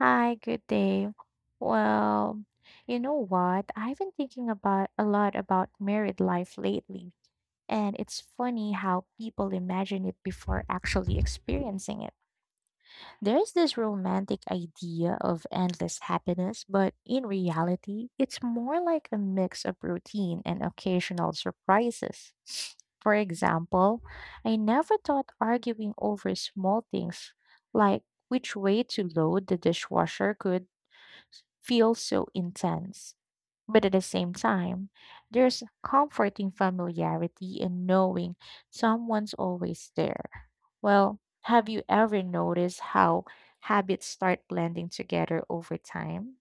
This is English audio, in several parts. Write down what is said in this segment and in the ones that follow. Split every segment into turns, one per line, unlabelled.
Hi, good day. Well, you know what? I've been thinking about a lot about married life lately, and it's funny how people imagine it before actually experiencing it. There's this romantic idea of endless happiness, but in reality, it's more like a mix of routine and occasional surprises. For example, I never thought arguing over small things like which way to load the dishwasher could feels so intense. But at the same time, there's comforting familiarity in knowing someone's always there. Well, have you ever noticed how habits start blending together over time?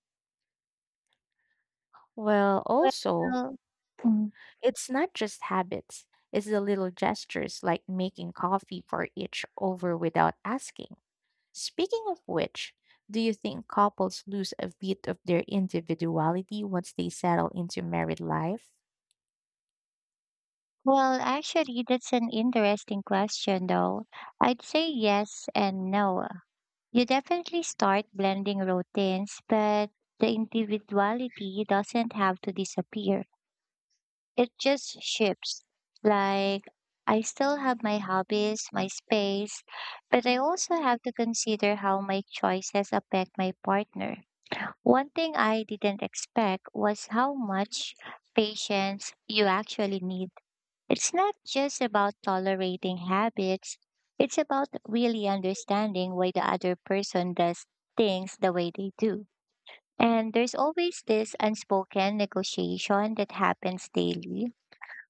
Well, also,
Well, mm,
it's not just habits, it's the little gestures like making coffee for each over without asking. Speaking of which, do you think couples lose a bit of their individuality once they settle into married life?
well, actually, that's an interesting question, though. I'd say yes and no. You definitely start blending routines, but the individuality doesn't have to disappear. It just shifts. Like, I still have my hobbies, my space, but I also have to consider how my choices affect my partner. One thing I didn't expect was how much patience you actually need. It's not just about tolerating habits, it's about really understanding why the other person does things the way they do. And there's always this unspoken negotiation that happens daily.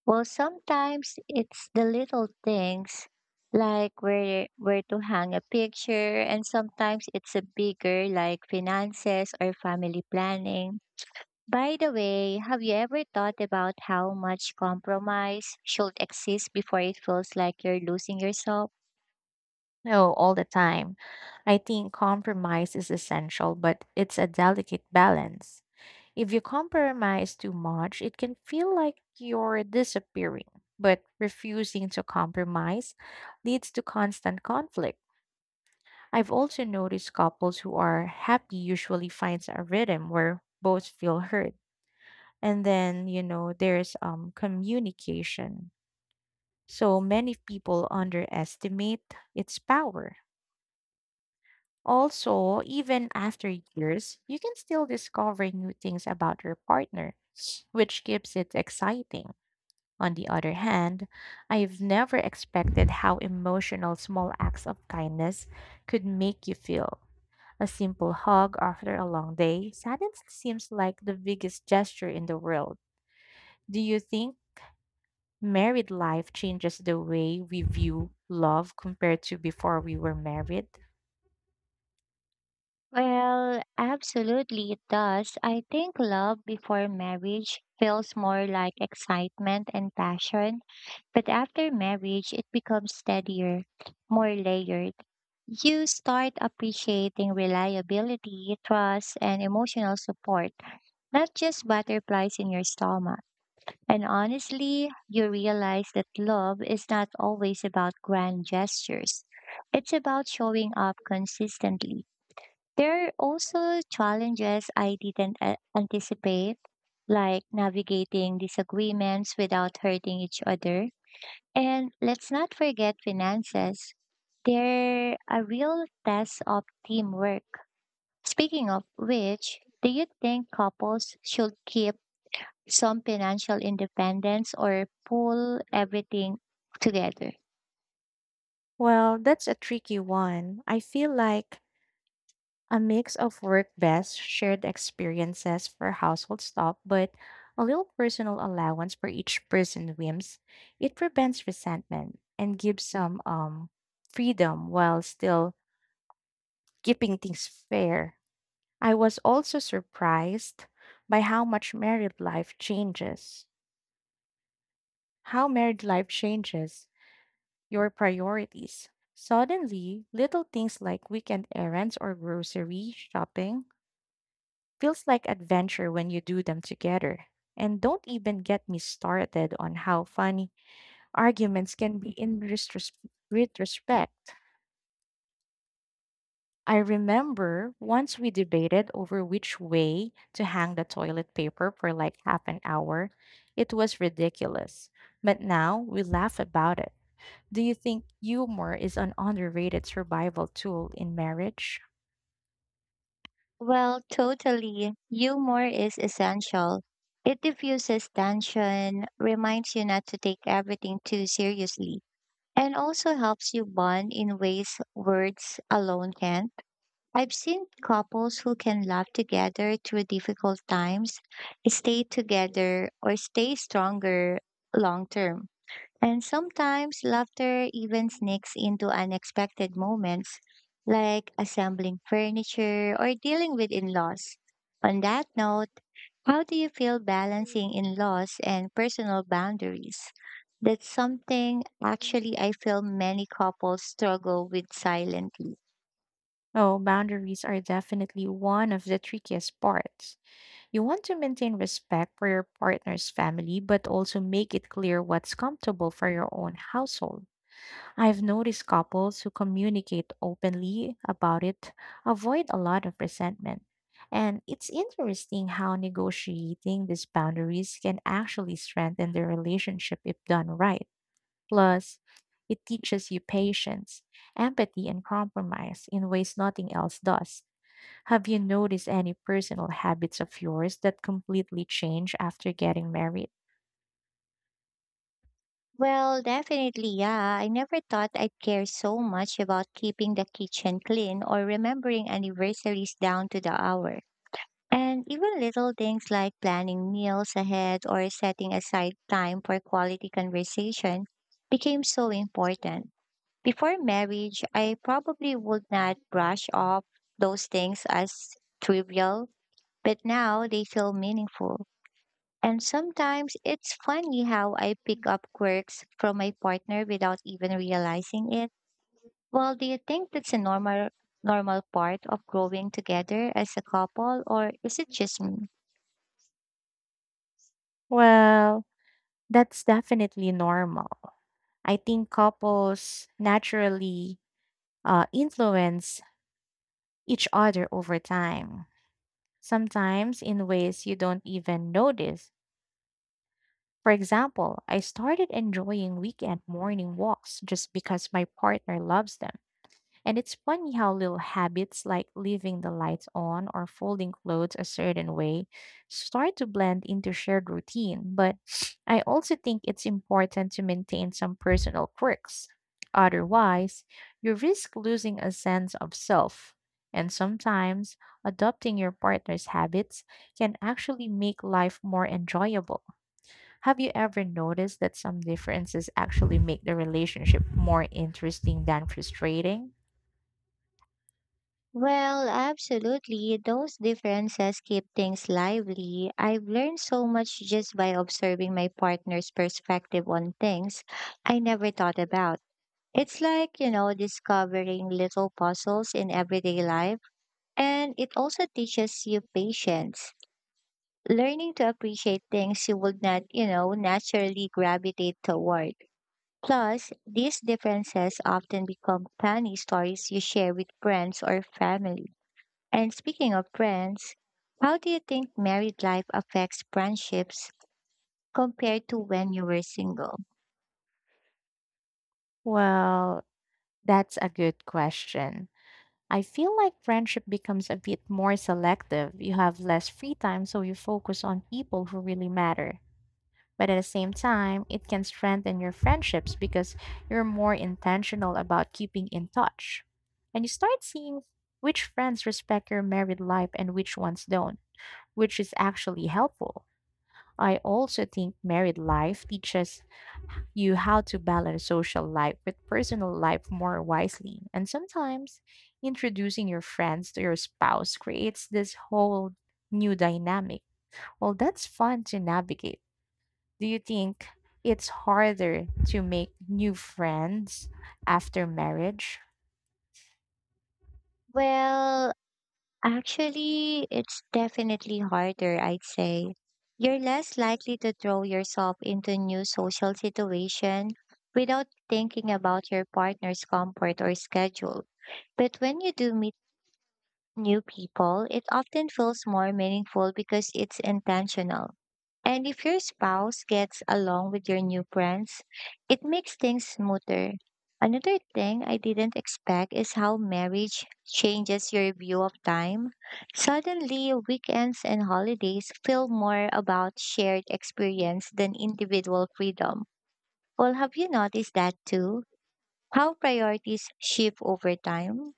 Well, sometimes it's the little things like where to hang a picture, and sometimes it's a bigger, like finances or family planning. By the way, have you ever thought about how much compromise should exist before it feels like you're losing yourself?
No, all the time. I think compromise is essential, but it's a delicate balance. If you compromise too much, it can feel like you're disappearing. But refusing to compromise leads to constant conflict. I've also noticed couples who are happy usually finds a rhythm where both feel heard. And then there's communication. So many people underestimate its power. Also, even after years, you can still discover new things about your partner, which keeps it exciting. On the other hand, I've never expected how emotional small acts of kindness could make you feel. A simple hug after a long day suddenly seems like the biggest gesture in the world. Do you think married life changes the way we view love compared to before we were married?
Well, absolutely it does. I think love before marriage feels more like excitement and passion, but after marriage, it becomes steadier, more layered. You start appreciating reliability, trust, and emotional support, not just butterflies in your stomach. And honestly, you realize that love is not always about grand gestures. It's about showing up consistently. There are also challenges I didn't anticipate, like navigating disagreements without hurting each other. And let's not forget finances. They're a real test of teamwork. Speaking of which, do you think couples should keep some financial independence or pull everything together?
Well, that's a tricky one. I feel like a mix of work best, shared experiences for household stuff, but a little personal allowance for each person's whims. It prevents resentment and gives some freedom while still keeping things fair. I was also surprised by how much married life changes. How married life changes your priorities. Suddenly, little things like weekend errands or grocery shopping feels like adventure when you do them together. And don't even get me started on how funny arguments can be in retrospect. I remember once we debated over which way to hang the toilet paper for like half an hour. It was ridiculous, but now we laugh about it. Do you think humor is an underrated survival tool in marriage?
Well, totally. Humor is essential. It diffuses tension, reminds you not to take everything too seriously, and also helps you bond in ways words alone can't. I've seen couples who can laugh together through difficult times, stay together, or stay stronger long term. And sometimes laughter even sneaks into unexpected moments, like assembling furniture or dealing with in laws. On that note, how do you feel balancing in laws and personal boundaries? That's something actually I feel many couples struggle with silently.
Oh, boundaries are definitely one of the trickiest parts. You want to maintain respect for your partner's family, but also make it clear what's comfortable for your own household. I've noticed couples who communicate openly about it avoid a lot of resentment. And it's interesting how negotiating these boundaries can actually strengthen the relationship if done right. Plus, it teaches you patience, empathy, and compromise in ways nothing else does. Have you noticed any personal habits of yours that completely change after getting married?
Well, definitely, yeah. I never thought I'd care so much about keeping the kitchen clean or remembering anniversaries down to the hour. And even little things like planning meals ahead or setting aside time for quality conversation became so important. Before marriage, I probably would not brush off those things as trivial, but now they feel meaningful. And sometimes it's funny how I pick up quirks from my partner without even realizing it. Well, do you think that's a normal part of growing together as a couple, or is it just me?
Well, that's definitely normal. I think couples naturally influence each other over time, sometimes in ways you don't even notice. For example, I started enjoying weekend morning walks just because my partner loves them. And it's funny how little habits like leaving the lights on or folding clothes a certain way start to blend into shared routine. But I also think it's important to maintain some personal quirks. Otherwise, you risk losing a sense of self. And sometimes, adopting your partner's habits can actually make life more enjoyable. Have you ever noticed that some differences actually make the relationship more interesting than frustrating?
Well, absolutely. Those differences keep things lively. I've learned so much just by observing my partner's perspective on things I never thought about. It's like, you know, discovering little puzzles in everyday life. And it also teaches you patience, learning to appreciate things you would not, you know, naturally gravitate toward. Plus, these differences often become funny stories you share with friends or family. And speaking of friends, how do you think married life affects friendships compared to when you were single?
Well, that's a good question. I feel like friendship becomes a bit more selective. You have less free time, so you focus on people who really matter. But at the same time, it can strengthen your friendships because you're more intentional about keeping in touch. And you start seeing which friends respect your married life and which ones don't, which is actually helpful. I also think married life teaches you how to balance social life with personal life more wisely. And sometimes introducing your friends to your spouse creates this whole new dynamic. Well, that's fun to navigate. Do you think it's harder to make new friends after marriage?
Well, actually, it's definitely harder, I'd say. You're less likely to throw yourself into new social situation without thinking about your partner's comfort or schedule. But when you do meet new people, it often feels more meaningful because it's intentional. And if your spouse gets along with your new friends, it makes things smoother. Another thing I didn't expect is how marriage changes your view of time. Suddenly, weekends and holidays feel more about shared experience than individual freedom. Well, have you noticed that too? How priorities shift over time?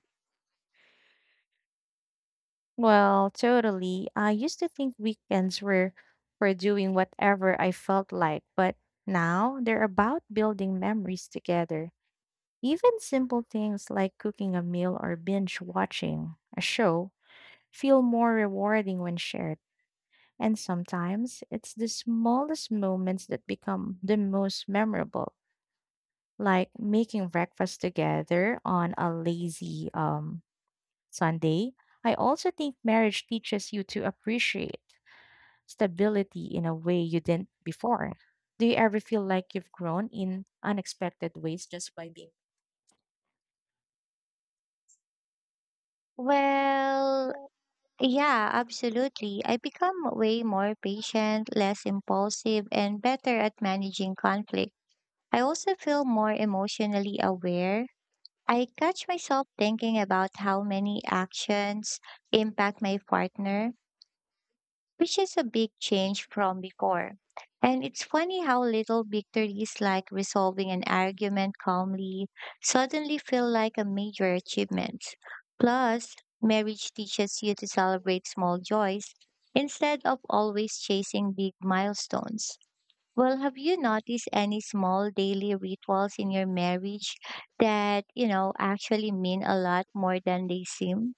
Well, totally. I used to think weekends were for doing whatever I felt like, but now they're about building memories together. Even simple things like cooking a meal or binge watching a show feel more rewarding when shared. And sometimes it's the smallest moments that become the most memorable, like making breakfast together on a lazy Sunday. I also think marriage teaches you to appreciate stability in a way you didn't before. Do you ever feel like you've grown in unexpected ways just by being?
Well, yeah, absolutely. I become way more patient, less impulsive, and better at managing conflict. I also feel more emotionally aware. I catch myself thinking about how many actions impact my partner, which is a big change from before. And it's funny how little victories like resolving an argument calmly suddenly feel like a major achievement. Plus, marriage teaches you to celebrate small joys instead of always chasing big milestones. Well, have you noticed any small daily rituals in your marriage that, you know, actually mean a lot more than they seem?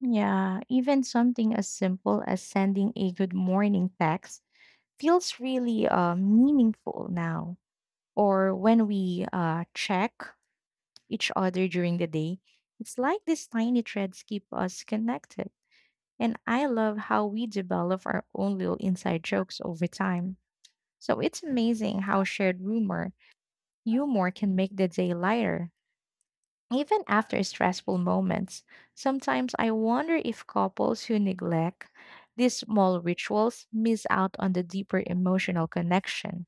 Yeah, even something as simple as sending a good morning text feels really meaningful now. Or when we check each other during the day, it's like these tiny threads keep us connected. And I love how we develop our own little inside jokes over time. So it's amazing how shared humor can make the day lighter. Even after stressful moments, sometimes I wonder if couples who neglect these small rituals miss out on the deeper emotional connection.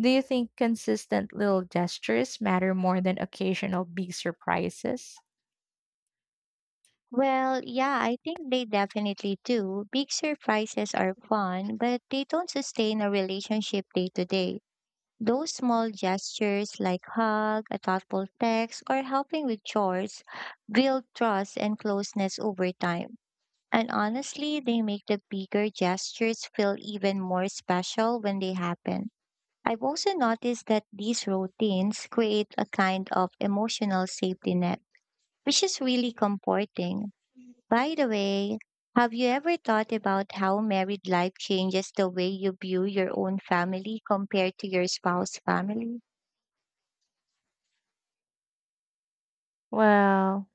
Do you think consistent little gestures matter more than occasional big surprises?
Well, yeah, I think they definitely do. Big surprises are fun, but they don't sustain a relationship day to day. Those small gestures, like hug, a thoughtful text, or helping with chores, build trust and closeness over time. And honestly, they make the bigger gestures feel even more special when they happen. I've also noticed that these routines create a kind of emotional safety net, which is really comforting. By the way, have you ever thought about how married life changes the way you view your own family compared to your spouse's family?
Well,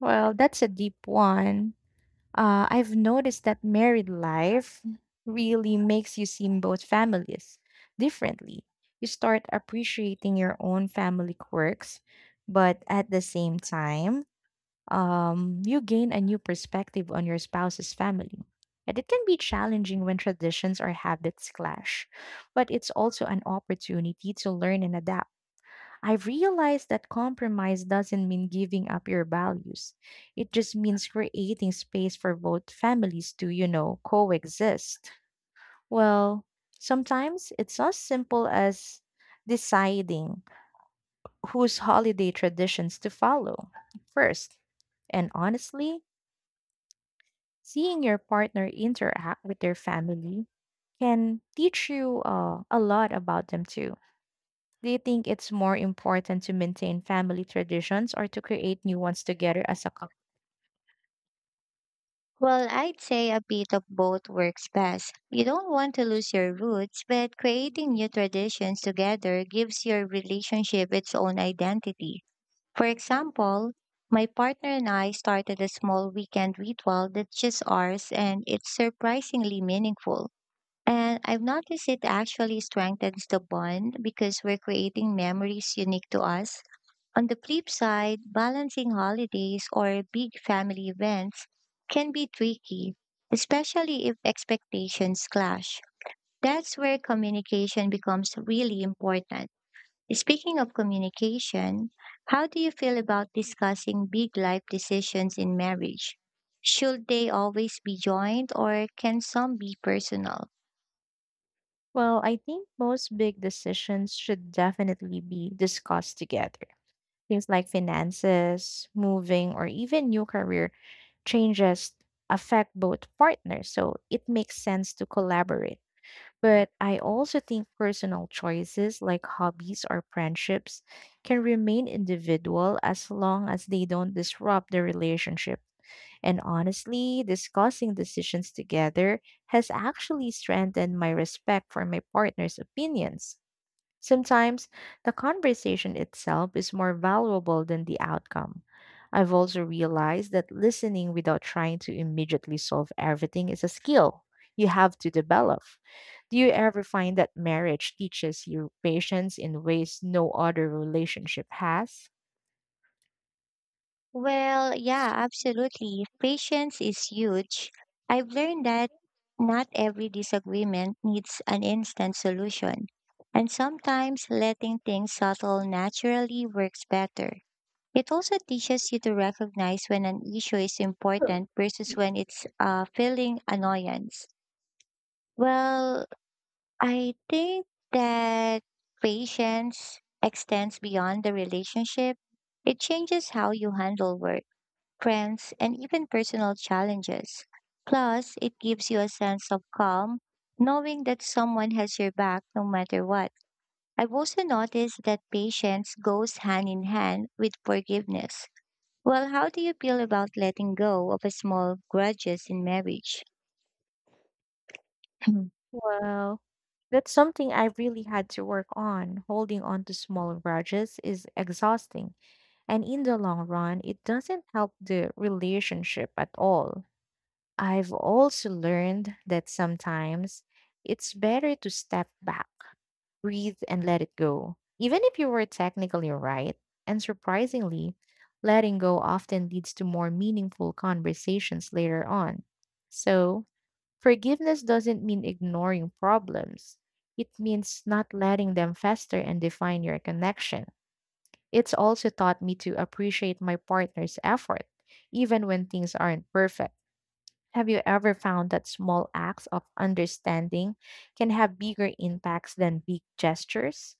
well, that's a deep one. I've noticed that married life really makes you see both families differently. You start appreciating your own family quirks, but at the same time, you gain a new perspective on your spouse's family. And it can be challenging when traditions or habits clash, but it's also an opportunity to learn and adapt. I've realized that compromise doesn't mean giving up your values. It just means creating space for both families to, you know, coexist. Well, sometimes it's as simple as deciding whose holiday traditions to follow first. And honestly, seeing your partner interact with their family can teach you a lot about them too. Do you think it's more important to maintain family traditions or to create new ones together as a couple?
Well, I'd say a bit of both works best. You don't want to lose your roots, but creating new traditions together gives your relationship its own identity. For example, my partner and I started a small weekend ritual that's just ours, and it's surprisingly meaningful. And I've noticed it actually strengthens the bond because we're creating memories unique to us. On the flip side, balancing holidays or big family events can be tricky, especially if expectations clash. That's where communication becomes really important. Speaking of communication, how do you feel about discussing big life decisions in marriage? Should they always be joined, or can some be personal?
Well, I think most big decisions should definitely be discussed together. Things like finances, moving, or even new career changes affect both partners, so it makes sense to collaborate. But I also think personal choices like hobbies or friendships can remain individual as long as they don't disrupt the relationship. And honestly, discussing decisions together has actually strengthened my respect for my partner's opinions. Sometimes the conversation itself is more valuable than the outcome. I've also realized that listening without trying to immediately solve everything is a skill you have to develop. Do you ever find that marriage teaches you patience in ways no other relationship has?
Well, yeah, absolutely. Patience is huge. I've learned that not every disagreement needs an instant solution, and sometimes letting things settle naturally works better. It also teaches you to recognize when an issue is important versus when it's feeling annoyance. Well, I think that patience extends beyond the relationship. It changes how you handle work, friends, and even personal challenges. Plus, it gives you a sense of calm, knowing that someone has your back no matter what. I've also noticed that patience goes hand in hand with forgiveness. Well, how do you feel about letting go of a small grudges in marriage?
Well, that's something I've really had to work on. Holding on to small grudges is exhausting, and in the long run, it doesn't help the relationship at all. I've also learned that sometimes it's better to step back, breathe, and let it go. Even if you were technically right, and surprisingly, letting go often leads to more meaningful conversations later on. So, forgiveness doesn't mean ignoring problems. It means not letting them fester and define your connection. It's also taught me to appreciate my partner's effort, even when things aren't perfect. Have you ever found that small acts of understanding can have bigger impacts than big gestures?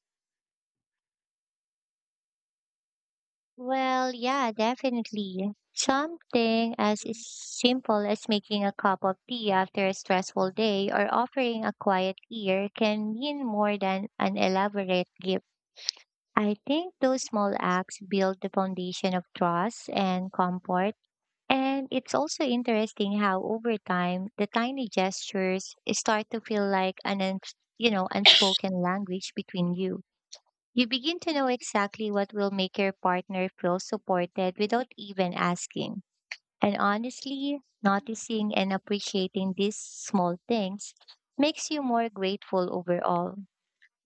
Well, yeah, definitely. Something as simple as making a cup of tea after a stressful day or offering a quiet ear can mean more than an elaborate gift. I think those small acts build the foundation of trust and comfort. And it's also interesting how over time the tiny gestures start to feel like an unspoken language between you. You begin to know exactly what will make your partner feel supported without even asking. And honestly, noticing and appreciating these small things makes you more grateful overall.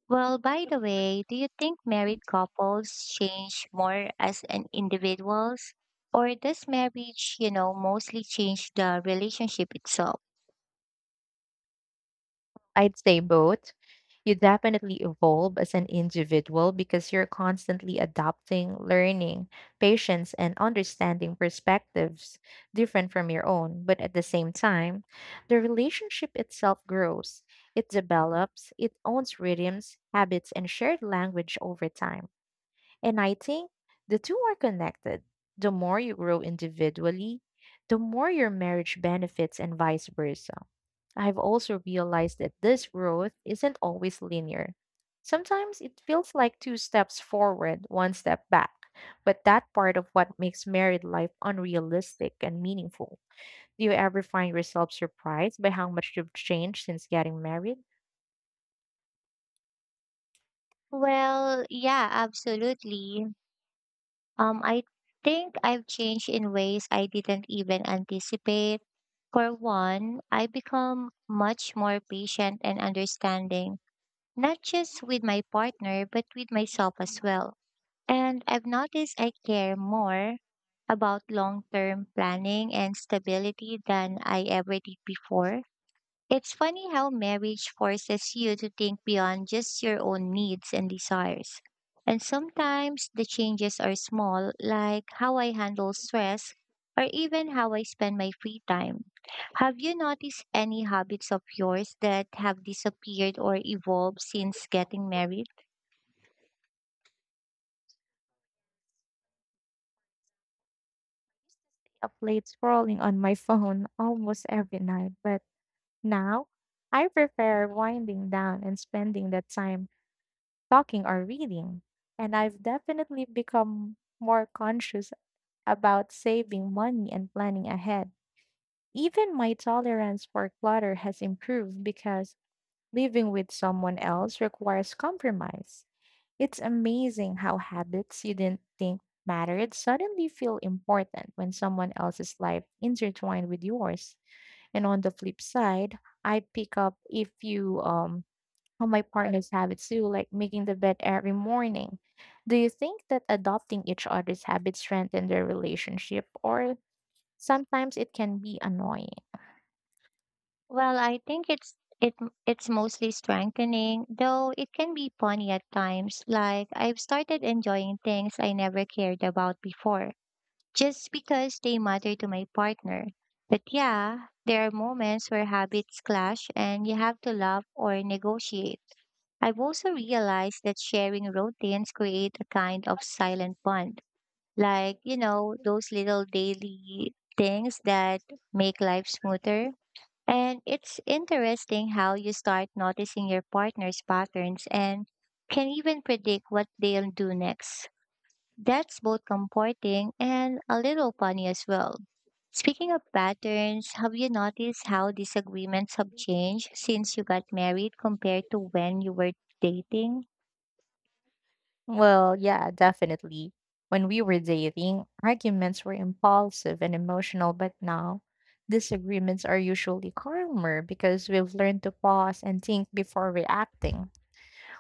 Well, by the way, do you think married couples change more as an individuals? Or does marriage, you know, mostly change the relationship itself?
I'd say both. You definitely evolve as an individual because you're constantly adapting, learning, patience, and understanding perspectives different from your own. But at the same time, the relationship itself grows, it develops, it owns rhythms, habits, and shared language over time. And I think the two are connected. The more you grow individually, the more your marriage benefits, and vice versa. I've also realized that this growth isn't always linear. Sometimes it feels like two steps forward, one step back, but that part of what makes married life unrealistic and meaningful. Do you ever find yourself surprised by how much you've changed since getting married?
Well, yeah, absolutely. I think I've changed in ways I didn't even anticipate. For one, I become much more patient and understanding, not just with my partner, but with myself as well. And I've noticed I care more about long term planning and stability than I ever did before. It's funny how marriage forces you to think beyond just your own needs and desires. And sometimes the changes are small, like how I handle stress or even how I spend my free time. Have you noticed any habits of yours that have disappeared or evolved since getting married?
Up late scrolling on my phone almost every night, but now, I prefer winding down and spending that time talking or reading. And I've definitely become more conscious about saving money and planning ahead. Even my tolerance for clutter has improved because living with someone else requires compromise. It's amazing how habits you didn't think mattered suddenly feel important when someone else's life intertwined with yours. And on the flip side, I pick up if you how my partner's habits too, like making the bed every morning. Do you think that adopting each other's habits strengthen their relationship or sometimes it can be annoying?
Well, I think it's mostly strengthening, though it can be funny at times. Like, I've started enjoying things I never cared about before just because they matter to my partner. But yeah, there are moments where habits clash and you have to love or negotiate. I've also realized that sharing routines create a kind of silent bond. Like, you know, those little daily things that make life smoother. And it's interesting how you start noticing your partner's patterns and can even predict what they'll do next. That's both comforting and a little funny as well. Speaking of patterns, have you noticed how disagreements have changed since you got married compared to when you were dating?
Well, yeah, definitely. When we were dating, arguments were impulsive and emotional, but now disagreements are usually calmer because we've learned to pause and think before reacting.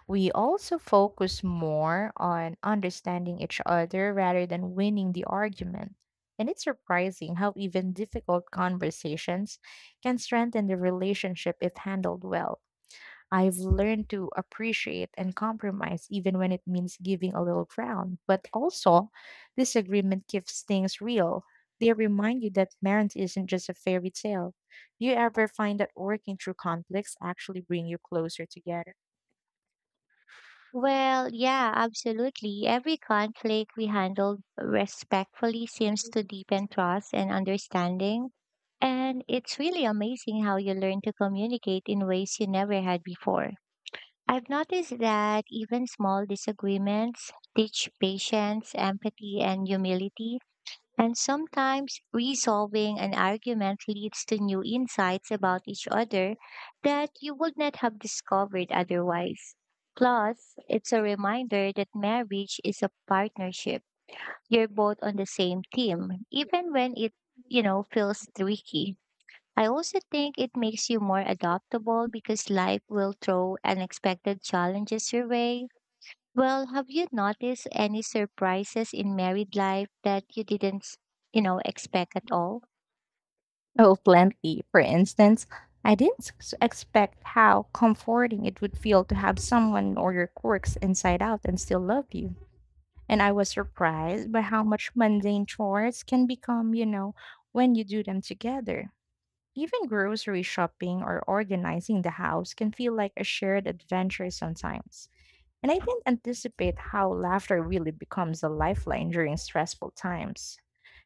We also focus more on understanding each other rather than winning the argument. And it's surprising how even difficult conversations can strengthen the relationship if handled well. I've learned to appreciate and compromise even when it means giving a little ground. But also, disagreement keeps things real. They remind you that marriage isn't just a fairy tale. Do you ever find that working through conflicts actually bring you closer together?
Well, yeah, absolutely. Every conflict we handled respectfully seems to deepen trust and understanding. And it's really amazing how you learn to communicate in ways you never had before. I've noticed that even small disagreements teach patience, empathy, and humility. And sometimes resolving an argument leads to new insights about each other that you would not have discovered otherwise. Plus, it's a reminder that marriage is a partnership. You're both on the same team, even when it, you know, feels tricky. I also think it makes you more adaptable because life will throw unexpected challenges your way. Well, have you noticed any surprises in married life that you didn't, you know, expect at all?
Oh, plenty. For instance, I didn't s- expect how comforting it would feel to have someone know your quirks inside out and still love you. And I was surprised by how much mundane chores can become, you know, when you do them together. Even grocery shopping or organizing the house can feel like a shared adventure sometimes. And I didn't anticipate how laughter really becomes a lifeline during stressful times.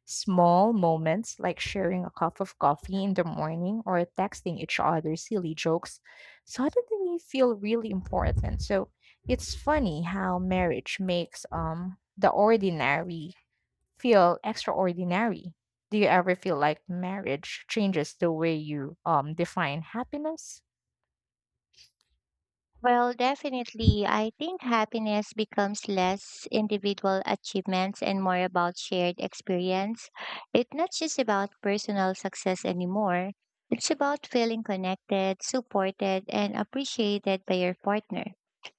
Small moments like sharing a cup of coffee in the morning or texting each other silly jokes suddenly feel really important. So it's funny how marriage makes the ordinary feel extraordinary. Do you ever feel like marriage changes the way you define happiness?
Well, definitely. I think happiness becomes less individual achievements and more about shared experience. It's not just about personal success anymore. It's about feeling connected, supported, and appreciated by your partner.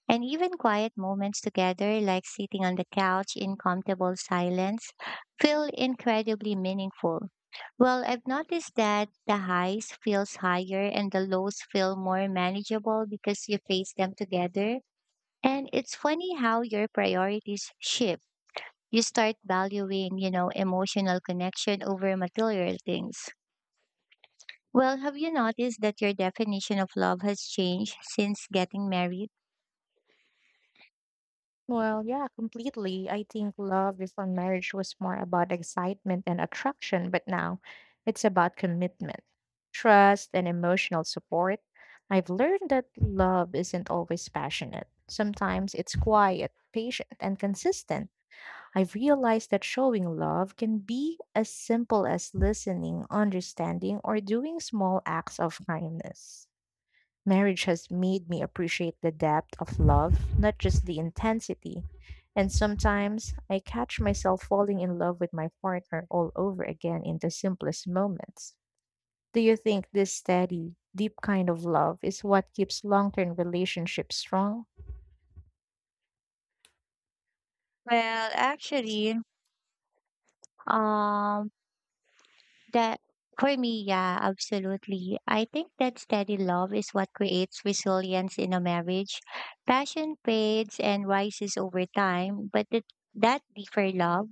And even quiet moments together, like sitting on the couch in comfortable silence, feel incredibly meaningful. Well, I've noticed that the highs feels higher and the lows feel more manageable because you face them together. And it's funny how your priorities shift. You start valuing, you know, emotional connection over material things. Well, have you noticed that your definition of love has changed since getting married?
Well, yeah, completely. I think love before marriage was more about excitement and attraction, but now it's about commitment, trust, and emotional support. I've learned that love isn't always passionate. Sometimes it's quiet, patient, and consistent. I've realized that showing love can be as simple as listening, understanding, or doing small acts of kindness. Marriage has made me appreciate the depth of love, not just the intensity. And sometimes I catch myself falling in love with my partner all over again in the simplest moments. Do you think this steady, deep kind of love is what keeps long term relationships strong?
Well, actually, um, That for me, yeah, absolutely. I think that steady love is what creates resilience in a marriage. Passion fades and rises over time, but that deeper love,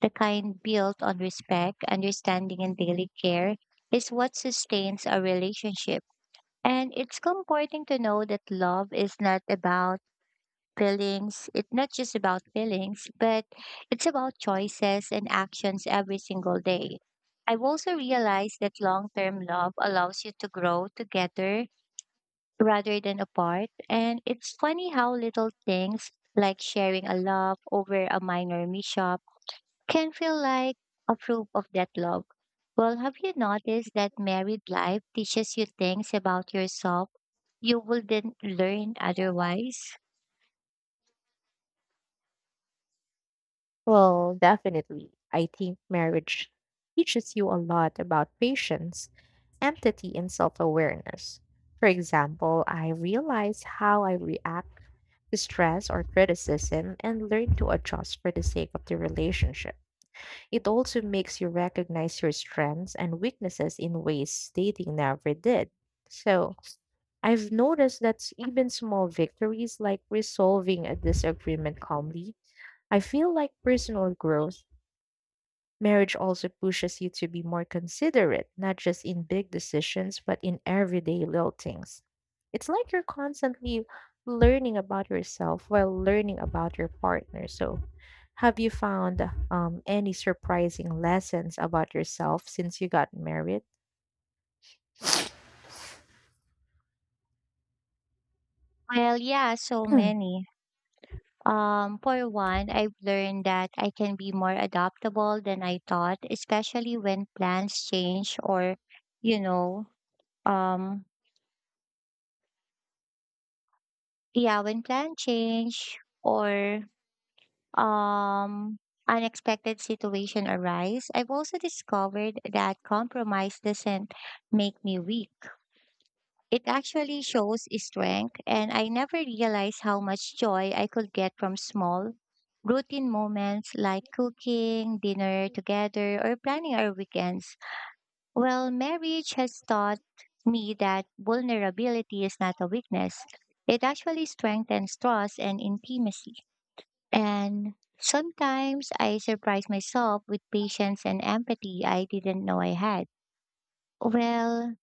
the kind built on respect, understanding, and daily care, is what sustains a relationship. And it's comforting to know that love is not about feelings. It's not just about feelings, but it's about choices and actions every single day. I've also realized that long term love allows you to grow together rather than apart. And it's funny how little things like sharing a love over a minor mishap can feel like a proof of that love. Well, have you noticed that married life teaches you things about yourself you wouldn't learn otherwise?
Well, definitely. I think marriage teaches you a lot about patience, empathy, and self awareness. For example, I realize how I react stress or criticism and learn to adjust for the sake of the relationship. It also makes you recognize your strengths and weaknesses in ways dating never did. So, I've noticed that s- even small victories like resolving a disagreement calmly, I feel like personal growth. Marriage also pushes you to be more considerate, not just in big decisions, but in everyday little things. It's like you're constantly learning about yourself while learning about your partner. So, have you found any surprising lessons about yourself since you got married?
Well, yeah, so many. For one, I've learned that I can be more adaptable than I thought, especially when plans change or, you know, um, yeah, when plan change or um unexpected situation arise. I've also discovered that compromise doesn't make me weak. It actually shows strength, and I never realized how much joy I could get from small, routine moments like cooking, dinner together, or planning our weekends. Well, marriage has taught me that vulnerability is not a weakness, it actually strengthens trust and intimacy. And sometimes I surprise myself with patience and empathy I didn't know I had. Well,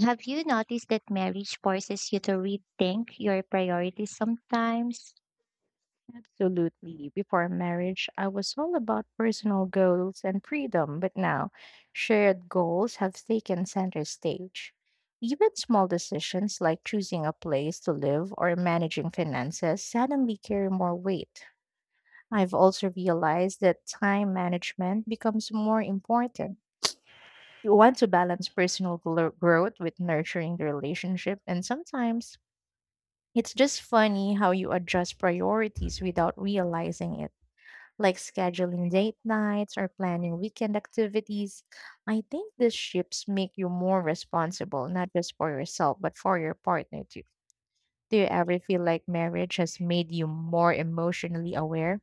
have you noticed that marriage forces you to rethink your priorities sometimes?
Absolutely. Before marriage, I was all about personal goals and freedom, but now shared goals have taken center stage. Even small decisions like choosing a place to live or managing finances suddenly carry more weight. I've also realized that time management becomes more important. You want to balance personal growth with nurturing the relationship, and sometimes it's just funny how you adjust priorities without realizing it like scheduling date nights or planning weekend activities. I think these shifts make you more responsible, not just for yourself, but for your partner too. Do you ever feel like marriage has made you more emotionally aware?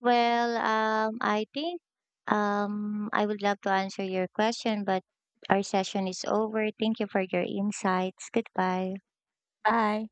Well, I think I would love to answer your question, but our session is over. Thank you for your insights. Goodbye.
Bye.